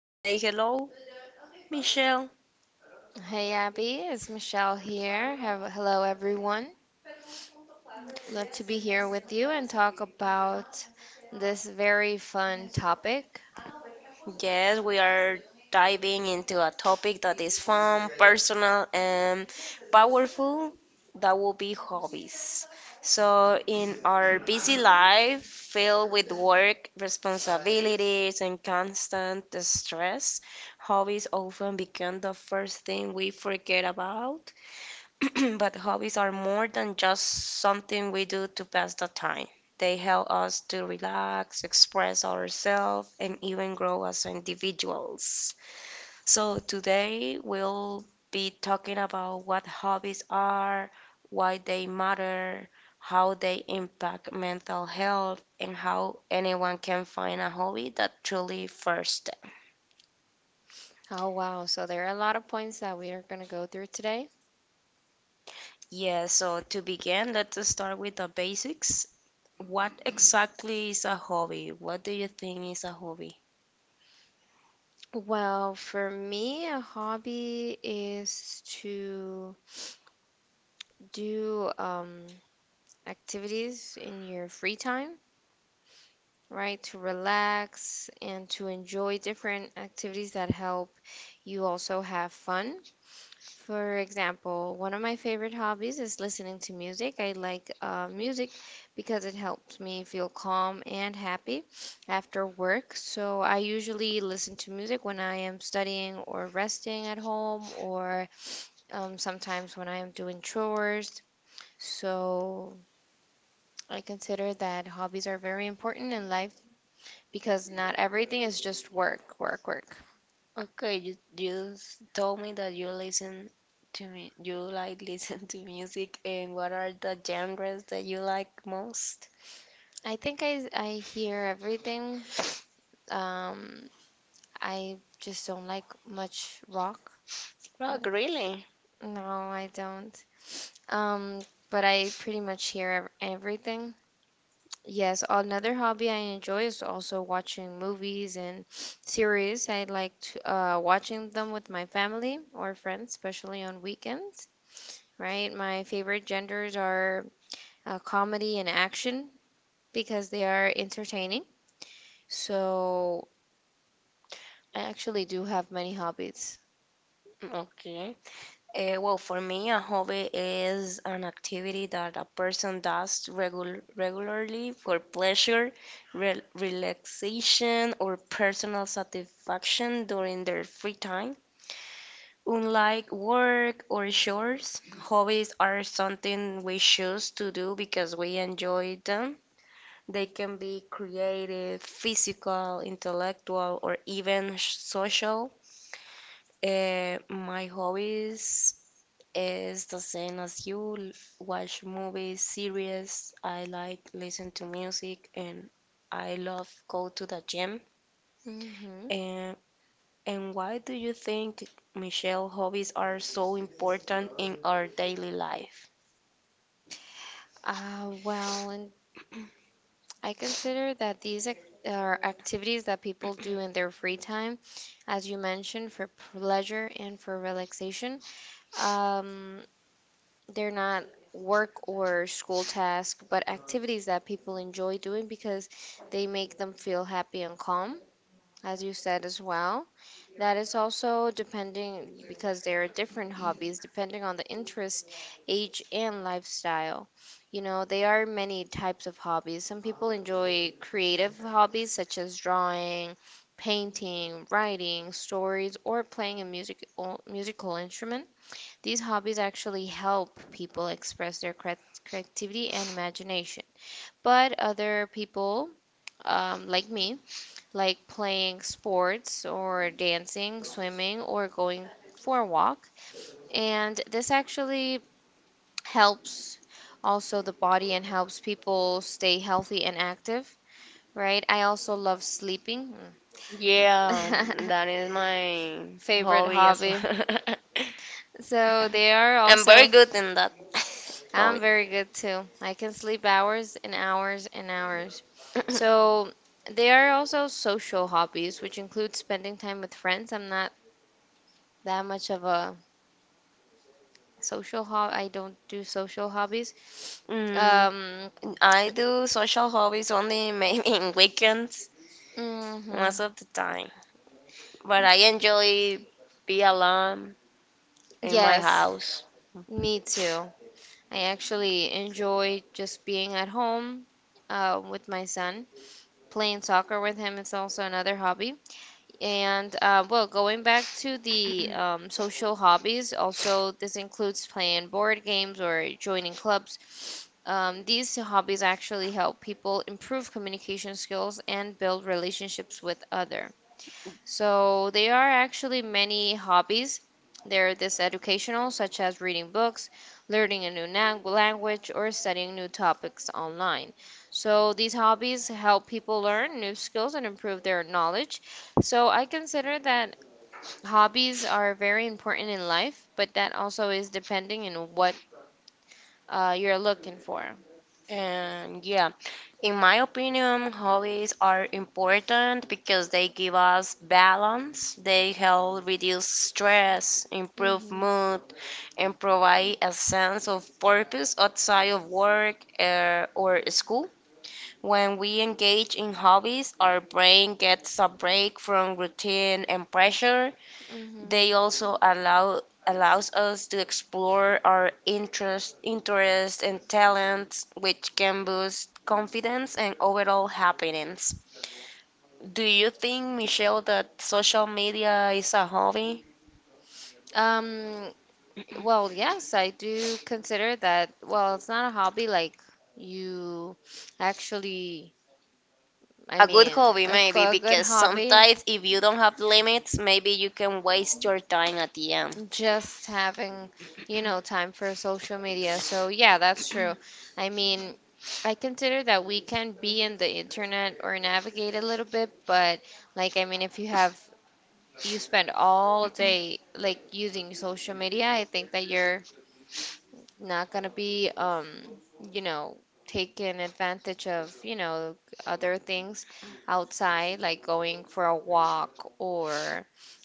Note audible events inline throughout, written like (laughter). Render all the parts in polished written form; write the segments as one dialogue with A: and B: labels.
A: Say hello, Michelle.
B: Hey Abby, it's Michelle here. Hello everyone. Love to be here with you and talk about this very fun topic.
A: Yes, we are diving into a topic that is fun, personal, and powerful. That will be hobbies. So, in our busy life, filled with work, responsibilities, and constant stress, hobbies often become the first thing we forget about. (clears throat) But hobbies are more than just something we do to pass the time. They help us to relax, express ourselves, and even grow as individuals. So, today we'll be talking about what hobbies are, why they matter, how they impact mental health, and how anyone can find a hobby that truly first them.
B: Oh wow, so there are a lot of points that we are going to go through today.
A: Yeah, so to begin, let's start with the basics. What exactly is a hobby? What do you think is a hobby?
B: Well, for me, a hobby is to do activities in your free time, right? To relax and to enjoy different activities that help you also have fun. For example, one of my favorite hobbies is listening to music. I like music because it helps me feel calm and happy after work. So I usually listen to music when I am studying or resting at home, or sometimes when I am doing chores. So I consider that hobbies are very important in life because not everything is just work, work, work.
A: Okay, you told me that you listen to me, you like (laughs) listen to music, and what are the genres that you like most?
B: I think I hear everything. Um, I just don't like much rock. What?
A: Rock, really?
B: No, I don't. Um, but I pretty much hear everything. Yes, another hobby I enjoy is also watching movies and (sniffs) series. I like to, watching them with my family or friends, especially on weekends, right? My favorite genders are comedy and action because they are entertaining. So I actually do have many hobbies.
A: Okay. Well, for me, a hobby is an activity that a person does regularly for pleasure, re relaxation, or personal satisfaction during their free time. Unlike work or chores, hobbies are something we choose to do because we enjoy them. They can be creative, physical, intellectual, or even social. My hobbies is the same as you. Watch movies, series. I like listen to music, and I love go to the gym.
B: Mm-hmm.
A: And why do you think, Michelle, hobbies are so important in our daily life?
B: Well, in I consider that these are activities that people do in their free time, as you mentioned, for pleasure and for relaxation. Um, they're not work or school tasks, but activities that people enjoy doing because they make them feel happy and calm, as you said as well. That is also depending because there are different hobbies depending on the interest, age, and lifestyle. You know, there are many types of hobbies. Some people enjoy creative hobbies such as drawing, painting, writing, stories, or playing a musical instrument. These hobbies actually help people express their creativity and imagination. But other people, like me, like playing sports or dancing, swimming, or going for a walk. And this actually helps also the body and helps people stay healthy and active, right? I also love sleeping.
A: Yeah,
B: Mm.
A: that is my
B: (laughs) Favorite
A: hobby as
B: hobby.
A: well. (laughs)
B: So they are
A: I'm very
B: also
A: good in that (laughs)
B: I'm
A: hobby.
B: very good too. I can sleep hours and hours and hours.
A: (laughs)
B: So there are also social hobbies, which include spending time with friends. I'm not that much of a Social hob I don't do social hobbies.
A: Mm,
B: Um,
A: I do social hobbies only maybe in weekends
B: mhm.
A: most of the time, but I enjoy be alone in my
B: Yes,
A: house.
B: me too. I actually enjoy just being at home with my son. Playing soccer with him is also another hobby. And well, going back to the social hobbies, also this includes playing board games or joining clubs. These hobbies actually help people improve communication skills and build relationships with other. So there are actually many hobbies. There are this educational, such as reading books, learning a new language, or studying new topics online. So these hobbies help people learn new skills and improve their knowledge. So I consider that hobbies are very important in life, but that also is depending on what you're looking for.
A: And yeah, in my opinion, hobbies are important because they give us balance, they help reduce stress, improve
B: Mhm.
A: mood, and provide a sense of purpose outside of work or school. When we engage in hobbies, our brain gets a break from routine and pressure,
B: Mhm.
A: they also allows us to explore our interests and talents, which can boost confidence and overall happiness. Do you think, Michelle, that social media is a hobby?
B: Um, Well, yes, I do consider that. Well, it's not a hobby. Like you actually, I
A: A good
B: mean,
A: hobby,
B: a g-
A: maybe,
B: a good
A: because
B: hobby.
A: sometimes if you don't have limits, maybe you can waste your time at the end.
B: Just having, you know, time for social media. So yeah, that's true. I mean, I consider that we can be in the internet or navigate a little bit, but like, I mean, if you have you spend all day like using social media, I think that you're not gonna be you know taking advantage of you know other things outside like going for a walk or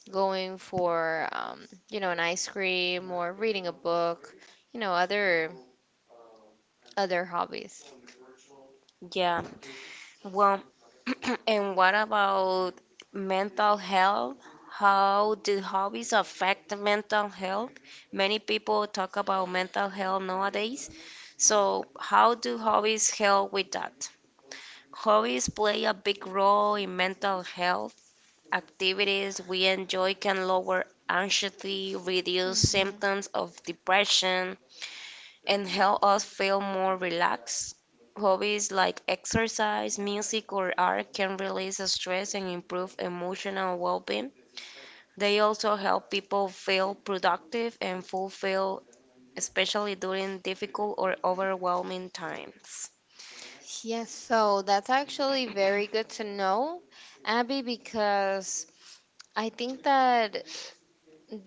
B: going for you know an ice cream or reading a book you know other hobbies.
A: Yeah, well, (clears throat) and what about mental health? How do hobbies affect mental health? Many people talk about mental health nowadays. So, how do hobbies help with that? Hobbies play a big role in mental health. Activities we enjoy can lower anxiety, reduce
B: Mhm.
A: symptoms of depression, and help us feel more relaxed. Hobbies like exercise, music, or art can release stress and improve emotional well being. They also help people feel productive and fulfilled, especially during difficult or overwhelming times.
B: Yes, so that's actually very good to know, Abby, because I think that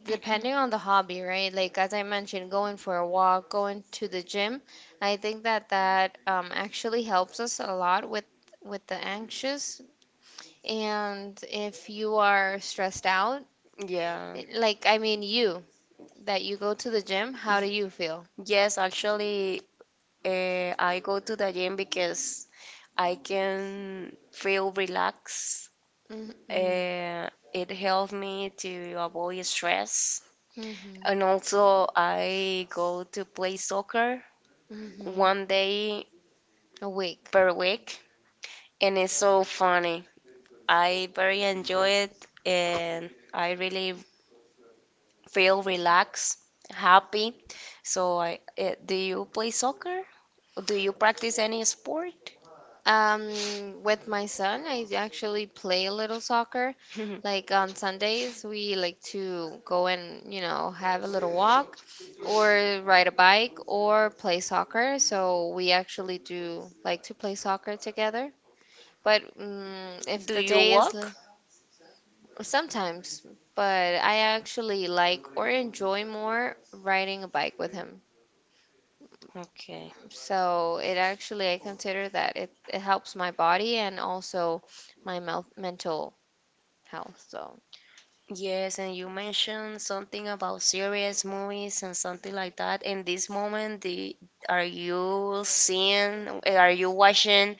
B: depending on the hobby, right? Like as I mentioned, going for a walk, going to the gym, I think that actually helps us a lot with the anxious. And if you are stressed out,
A: Yeah.
B: it- like I mean you, that you go to the gym, how do you feel?
A: Yes, actually, I go to the gym because I can feel relaxed.
B: Mm-hmm.
A: Uh, it helps me to avoid stress.
B: Mm-hmm.
A: And also, I go to play soccer
B: Mm-hmm.
A: one day
B: Awake.
A: per week, and it's so funny. I very enjoy it, and I really feel relaxed, happy. So, do you play soccer? Do you practice any sport? (laughs)
B: With my son, I actually play a little soccer. Like on Sundays, we like to go and, you know, have a little walk or ride a bike or play soccer. So we actually do like to play soccer together. But if
A: Do
B: the
A: you
B: day is
A: walk?
B: sometimes, but I actually like or enjoy more riding a bike with him.
A: Okay.
B: So it actually, I consider that it helps my body and also my mel mental health. So,
A: Yes, and you mentioned something about serious movies, and something like that. In this moment, are you seeing, are you watching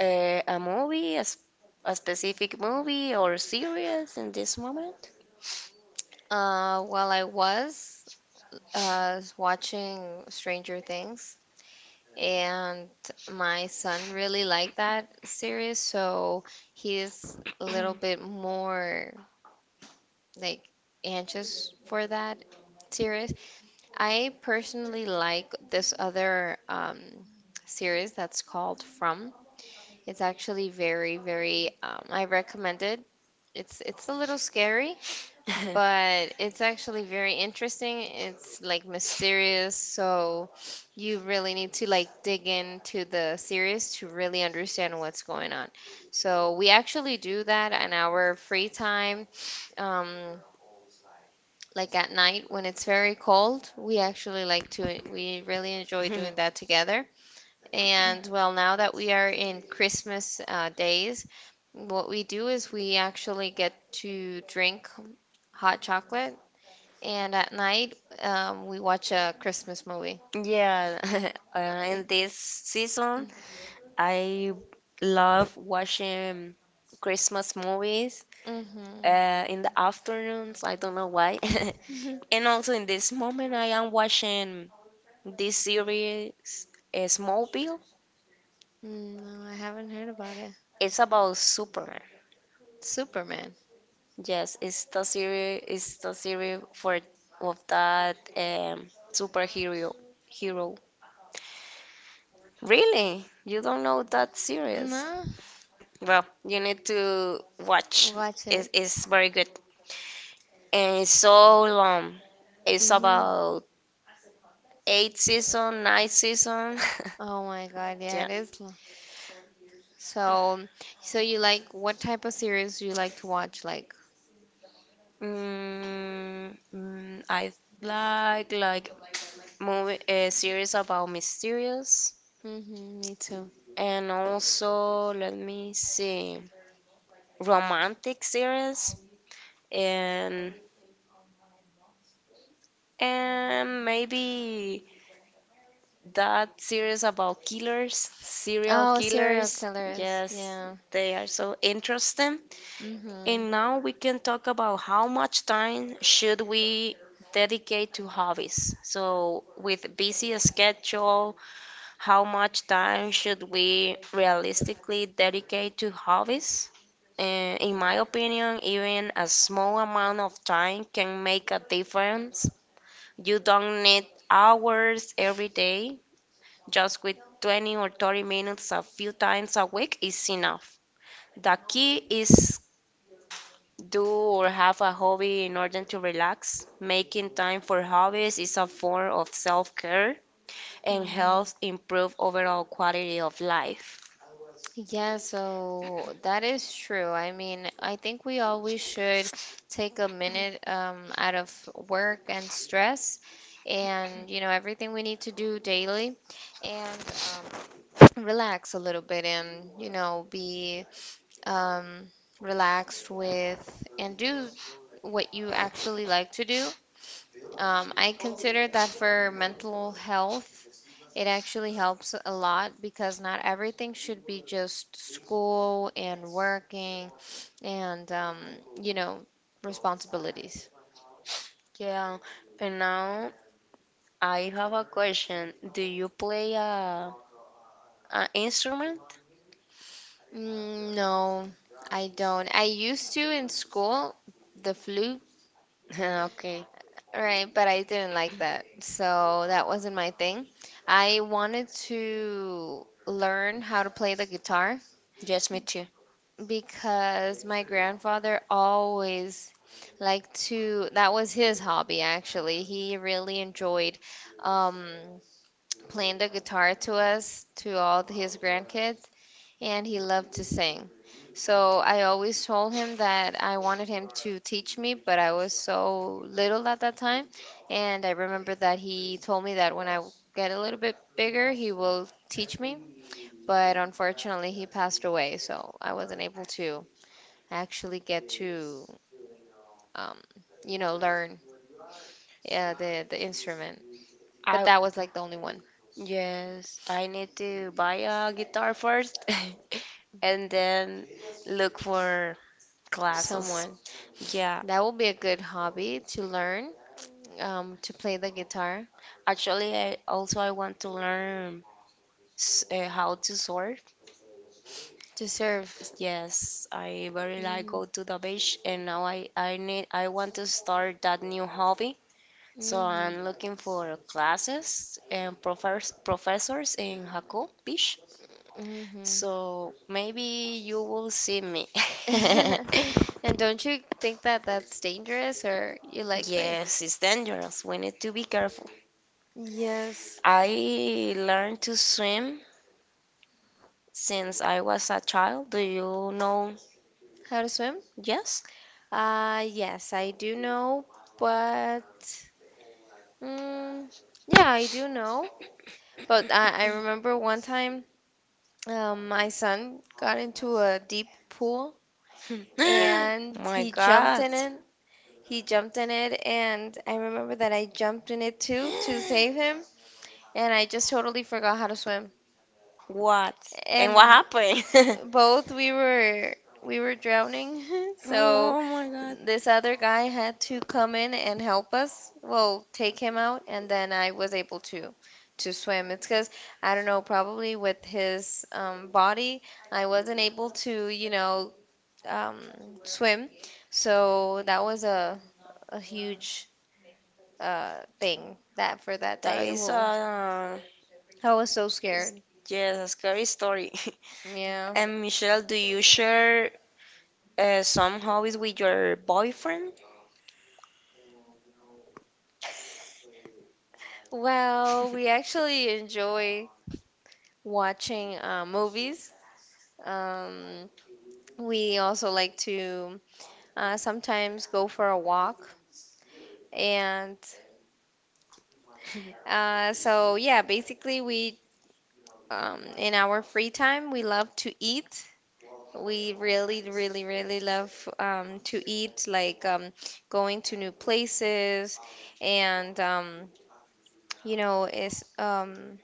A: a movie, a specific movie or series in this moment? (laughs)
B: while I was watching Stranger Things, and my son really liked that series, so he is a little bit more like anxious for that series. I personally like this other series that's called From. It's actually very, very, I recommend it. It's a little scary, but it's actually very interesting. It's like mysterious, so you really need to like dig into the series to really understand what's going on. So we actually do that in our free time, um, like at night when it's
A: (laughs)
B: very cold. We actually like to, we really enjoy doing that together. And well, now that we are in Christmas days, what we do is we actually get to drink hot chocolate, and at night we watch a Christmas movie.
A: Yeah, (laughs) uh, in this season, I love watching Christmas movies
B: Mm-hmm.
A: in the afternoons. I don't know why. (laughs) And
B: (laughs)
A: also in this moment, I am watching this series, Smallville.
B: Mm, no, I haven't heard about it.
A: It's about Superman.
B: Superman.
A: Yes, it's the series. It's the series for of that superhero hero. Really? You don't know that series?
B: No,
A: Well, you need to watch.
B: watch it.
A: It's very good. And it's so long. It's
B: Hmm.
A: about eight season, nine season.
B: Oh my God, yeah,
A: (laughs) Yeah.
B: it is. Lo- So, so you like what type of series do you like to watch? Like,
A: I like movie a series about mysterious
B: hmm, me too.
A: and also let me see romantic series and maybe that series about killers, serial
B: Oh, serial
A: killers.
B: killers.
A: Yes,
B: Yeah.
A: they are so interesting.
B: Mm-hmm.
A: And now we can talk about how much time should we dedicate to hobbies. So with busy schedule, how much time should we realistically dedicate to hobbies? In my opinion, even a small amount of time can make a difference. You don't need hours every day. Just with 20 or 30 minutes a few times a week is enough. The key is do or have a hobby in order to relax. Making time for hobbies is a form of self care and
B: Hmm.
A: helps improve overall quality of life.
B: Yeah, so that is true. I mean, I think we always should take a minute out of work and stress and, you know, everything we need to do daily and relax a little bit and, you know, be um, relaxed with and do what you actually like to do. I consider that for mental health, it actually helps a lot because not everything should be just school and working and, you know, responsibilities.
A: Yeah, and now I have a question. Do you play a instrument? (laughs)
B: Mm, no, I don't. I used to in school, the flute,
A: Okay,
B: right? But I didn't like that. So that wasn't my thing. I wanted to learn how to play the guitar
A: yes, me too.
B: because my grandfather always liked to, that was his hobby actually. He really enjoyed um, playing the guitar to us, to all of his grandkids, and he loved to sing. So I always told him that I wanted him to teach me, but I was so little at that time. And I remember that he told me that when I get a little bit bigger, he will teach me. But unfortunately, he passed away, so I wasn't able to actually get to um, you know learn yeah, the instrument. But
A: I
B: that was like the only one.
A: Yes, I need to buy a guitar first (laughs) and then look for classes.
B: Someone
A: Yeah.
B: that will be a good hobby to learn to play the guitar
A: Actually, I also I want to learn how to surf.
B: to serve.
A: Yes, I very like
B: Mhm.
A: go to the beach, and now I want to start that new hobby. So
B: Mhm.
A: I'm looking for classes and professors in Jaco Beach. So maybe you will see me. (laughs)
B: Mhm. (laughs) And don't you think that that's dangerous or you like.
A: Yes, it's dangerous. We need to be careful.
B: Yes.
A: I learned to swim since I was a child. Do you know?
B: How to swim?
A: Yes.
B: Yes, I do know, but mm, yeah, I do know. But I remember one time my son got into a deep pool
A: (gasps) (laughs)
B: and
A: My
B: he jumped
A: god.
B: in it. He jumped in it, and I remember that I jumped in it too to save him, and I just totally forgot how to swim.
A: What? And
B: And
A: what happened? (laughs)
B: both we were drowning, (laughs) so
A: Oh my god.
B: this other guy had to come in and help us. Well, take him out, and then I was able to swim. It's because I don't know, probably with his body, I wasn't able to, you know, um, swim. So that was a huge uh thing that for that
A: That
B: day.
A: is
B: Well,
A: a
B: I was so scared.
A: Yes, a scary story. (laughs)
B: Yeah.
A: And Michelle, do you share some hobbies with your boyfriend?
B: Well, we actually enjoy watching movies. Um, we also like to sometimes go for a walk. And so, yeah, basically, we in our free time, we love to eat. We really, really, really love to eat, like going to new places and you know, is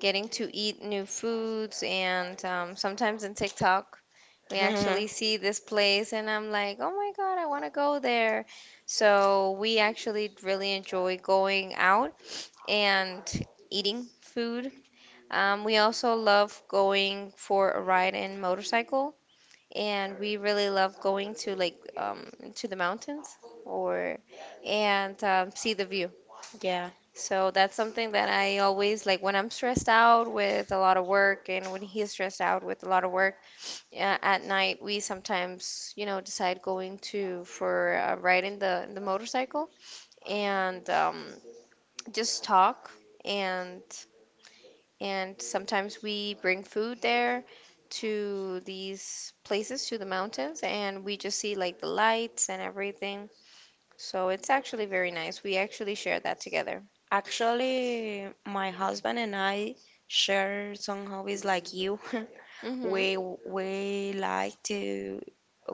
B: getting to eat new foods. And sometimes in TikTok, we actually
A: (laughs)
B: see this place, and I'm like, oh my God, I want to go there. So we actually really enjoy going out and eating food. We also love going for a ride in motorcycle, and we really love going to like to the mountains or and see the view.
A: Yeah.
B: So that's something that I always like when I'm stressed out with a lot of work and when he's stressed out with a lot of work at night, we sometimes, you know, decide going to for a ride in the motorcycle and just talk and and sometimes we bring food there to these places to the mountains and we just see like the lights and everything. So it's actually very nice. We actually share that together.
A: Actually, my husband and I share some hobbies like you. (laughs)
B: Mhm.
A: we we like to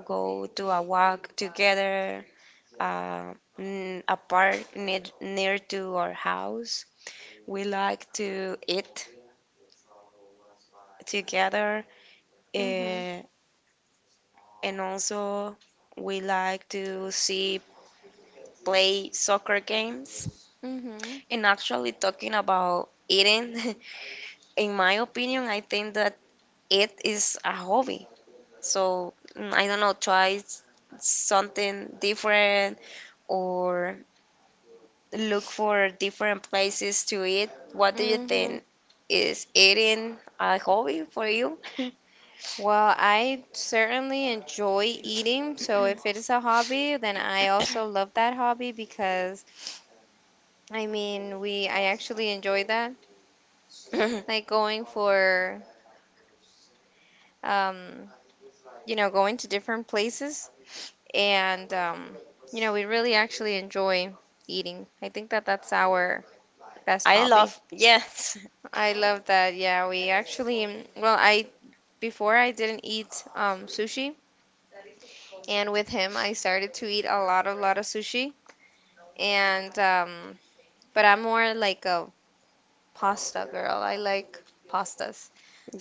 A: go to a walk together a park near to our house. We like to eat together,
B: Mhm.
A: uh, and also we like to see play soccer games.
B: Mhm.
A: And actually, talking about eating, (laughs) in my opinion, I think that it is a hobby. So I don't know, try something different or look for different places to eat. What do you
B: Hmm.
A: think? Is eating a hobby for you?
B: Well, I certainly enjoy eating. So if it is a hobby, then I also love that hobby because I mean, we I actually enjoy that. Like going for um, going to different places and we really actually enjoy eating. I think that that's our
A: (laughs)
B: best
A: I
B: hobby.
A: love, yes,
B: I love that. Yeah, we actually, well, I Before I didn't eat sushi, and with him I started to eat a lot of sushi. And but I'm more like a pasta girl. I like pastas,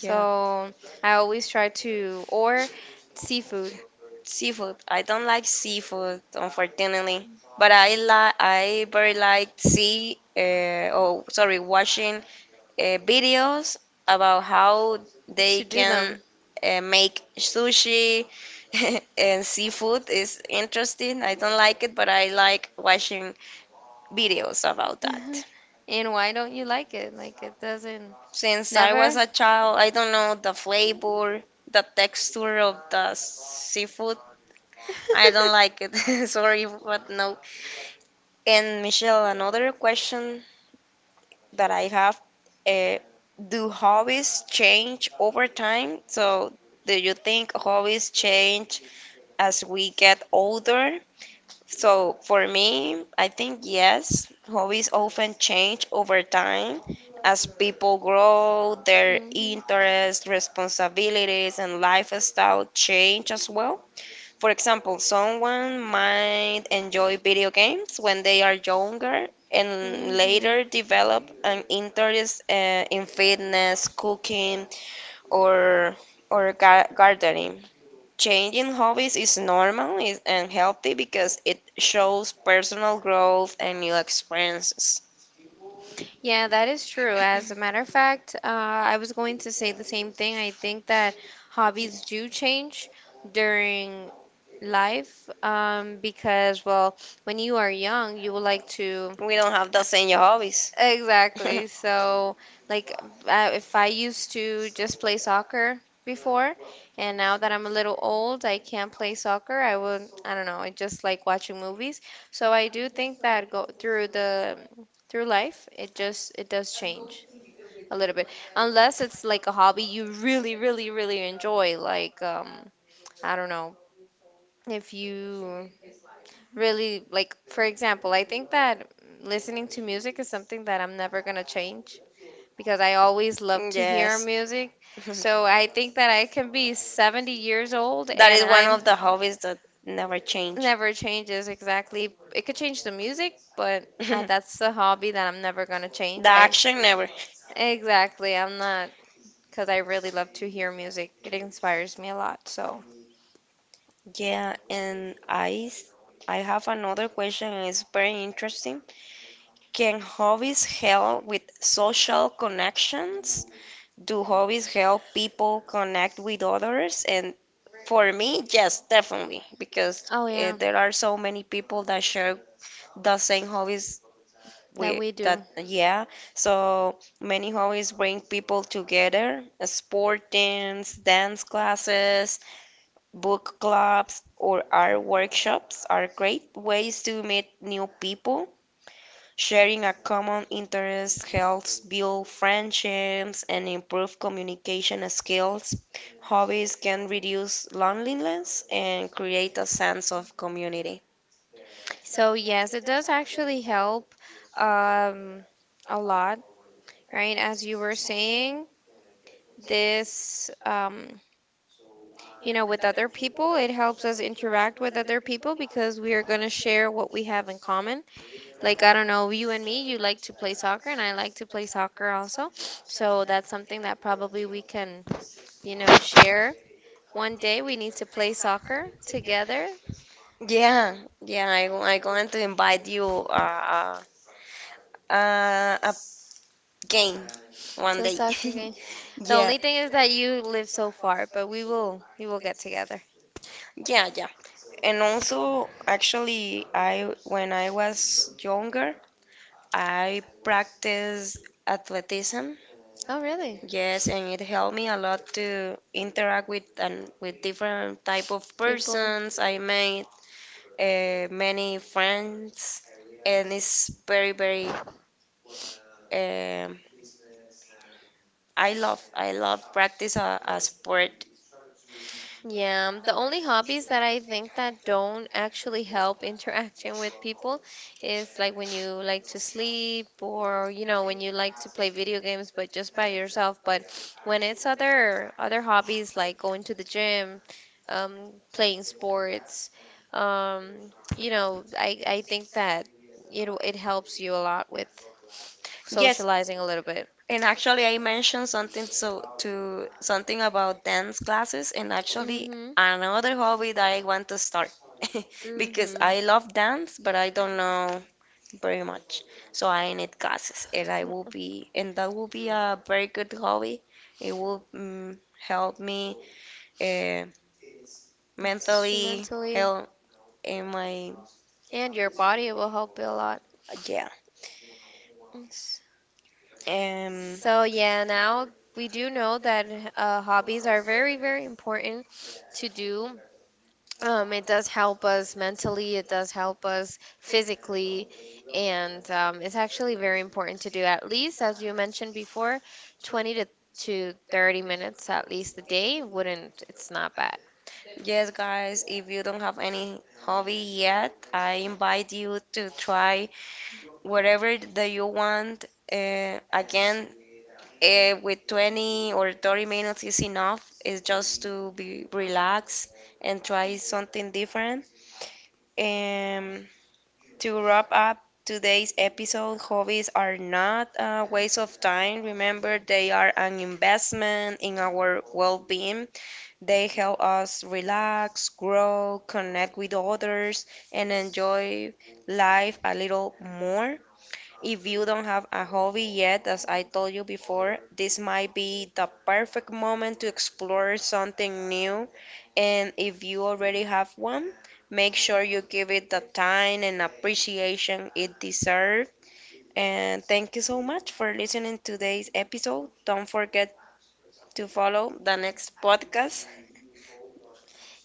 A: (laughs) yeah,
B: I always try to or seafood
A: seafood. I don't like seafood, unfortunately, but I like, I very like sorry, watching videos about how they
B: to do
A: can
B: them.
A: make sushi. (laughs) And seafood is interesting. I don't like it, but I like watching videos about that.
B: (laughs) And why don't you like it? Like it doesn't
A: Since I
B: never.
A: was a
B: (laughs)
A: child, I don't know the flavor, the texture of the seafood. I don't like it. (laughs) Sorry, but no. And Michelle, another question that I have, uh, do hobbies change over time? So, do you think hobbies change as we get older? So for me, I think yes, hobbies often change over time as people grow, their
B: Mhm.
A: interests, responsibilities, and lifestyle change as well. For example, someone might enjoy video games when they are younger and later develop an interest in fitness, cooking, or gardening. Changing hobbies is normal and healthy because it shows personal growth and new experiences.
B: Yeah, that is true. As a matter of fact, I was going to say the same thing. I think that hobbies do change during life, because, well, when you are young, you would like to.
A: We don't have the same hobbies. (laughs)
B: Exactly. So like, if I used to just play soccer before, and now that I'm a little old, I can't play soccer. I would, I don't know, I just like watching movies. So I do think that go through life, it does change a little bit. Unless it's like a hobby you really, really, really enjoy, like I don't know, if you really like, for example, I think that listening to music is something that I'm never gonna change because I always love to hear
A: Yes.
B: music.
A: (laughs)
B: So I think that I can be 70 years old
A: That
B: and
A: is one
B: I'm
A: of the hobbies that never change.
B: never changes exactly. It could change the music, but
A: (laughs) The
B: that's the hobby that I'm never gonna change. I
A: action never.
B: exactly, I'm not because I really love to hear music. It inspires me a lot. So,
A: Yeah, and I have another question and it's very interesting. Can hobbies help with social connections? Do hobbies help people connect with others? And for me, yes, definitely, because
B: oh yeah.
A: there are so many people that share the same hobbies
B: That
A: with
B: we do.
A: that, yeah, so many hobbies bring people together. Sport teams, dance classes, book clubs or art workshops are great ways to meet new people. Sharing a common interest helps build friendships and improve communication skills. Hobbies can reduce loneliness and create a sense of community.
B: So yes, it does actually help um, a lot, right? As you were saying, this, with other people. It helps us interact with other people because we are going to share what we have in common. Like, I don't know, you and me, you like to play soccer, and I like to play soccer also. So that's something that probably we can share. One day we need to play soccer together.
A: Yeah, yeah, I, I'm going to invite you a game one
B: To
A: day.
B: soccer
A: (laughs)
B: game. The
A: Yeah,
B: only thing is that you live so far, but we will get together.
A: yeah. And also, actually, I when I was younger, I practiced athleticism.
B: Oh, really?
A: Yes, and it helped me a lot to interact with and with different type of
B: People.
A: persons. I made many friends, and it's very very. Um, I love practice a sport.
B: Yeah, the only hobbies that I think that don't actually help (laughs) interaction with people is like when you like to sleep or when you like to play video games but just by yourself. But when it's other hobbies like going to the gym, playing sports, um, I think that it helps you a lot with
A: Yes,
B: socializing a little bit.
A: and actually I mentioned something so to something about dance classes, and actually
B: Mhm.
A: another hobby that I want to start (laughs) because
B: Mhm.
A: I love dance, but I don't know very much. So I need classes, and that will be a very good hobby. It will help me uh,
B: Just
A: mentally,
B: mentally
A: help in my
B: and your body will help you a lot.
A: yeah.
B: S-
A: Um,
B: so yeah, now we do know that hobbies are very very important to do. It does help us mentally, it does help us physically, and it's actually very important to do at least, as you mentioned before, 20 to 30 minutes at least a day, wouldn't, it's not bad.
A: yes, guys, if you don't have any hobby yet, I invite you to try whatever that you want. Again, with 20 or 30 minutes is enough. It's just to be relaxed and try something different. Um, to wrap up today's episode, hobbies are not a waste of time. Remember, they are an investment in our well being. They help us relax, grow, connect with others, and enjoy life a little more. If you don't have a hobby yet, as I told you before, this might be the perfect moment to explore something new. And if you already have one, make sure you give it the time and appreciation it deserves. And thank you so much for listening to today's episode. Don't forget to follow the next podcast.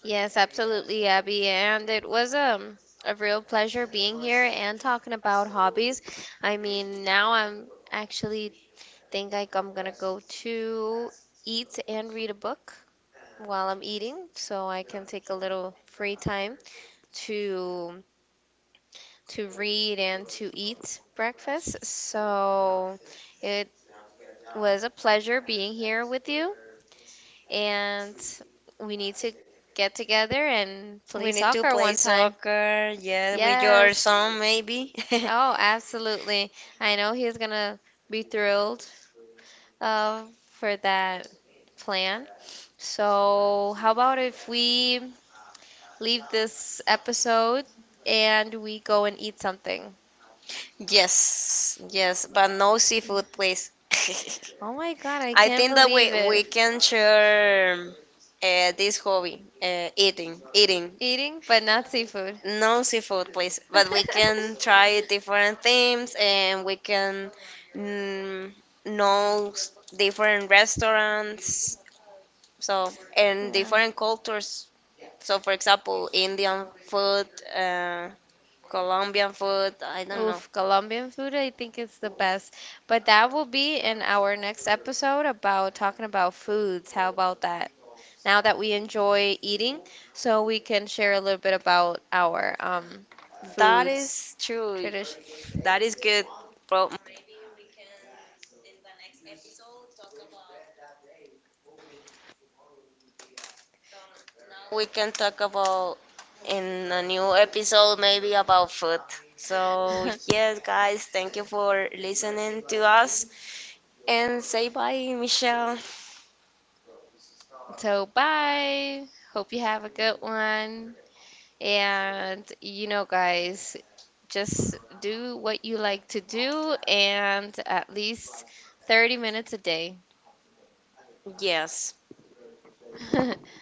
B: Yes, absolutely, Abby. And it was a real pleasure being here and talking about hobbies. I mean, now I'm actually think like I'm gonna go to eat and read a book while I'm eating, so I can take a little free time to read and to eat breakfast. So it was a pleasure being here with you, and we need to get together and
A: We
B: play
A: need to
B: soccer
A: play
B: one time.
A: soccer, yeah, with your
B: Yes.
A: son maybe.
B: Oh, absolutely. I know
A: (laughs)
B: he's gonna be thrilled for that plan. So, how about if we leave this episode and we go and eat something?
A: Yes, yes, but no seafood, please. (laughs)
B: Oh my God, I
A: I
B: can't
A: think that we
B: believe it.
A: we can share this hobby, eating, eating.
B: Eating, but not seafood.
A: No seafood, please. But we can try different
B: (laughs)
A: things, and we can mm, know s- different restaurants, so and
B: Yeah.
A: different cultures. So, for example, Indian food, uh, Colombian food. I don't know.
B: Oof, Colombian food, I think it's the best. But that will be in our next episode about talking about foods. How about that? Now that we enjoy eating, so we can share a little bit about our
A: That
B: foods
A: is true.
B: tradition.
A: That is good, bro. We can talk about in a new episode maybe about food. So,
B: (laughs)
A: yes, guys, thank you for listening to us and say bye, Michelle.
B: So bye. Hope you have a good one. And you know, guys, just do what you like to do, and at least 30 minutes a day.
A: Yes.
B: (laughs)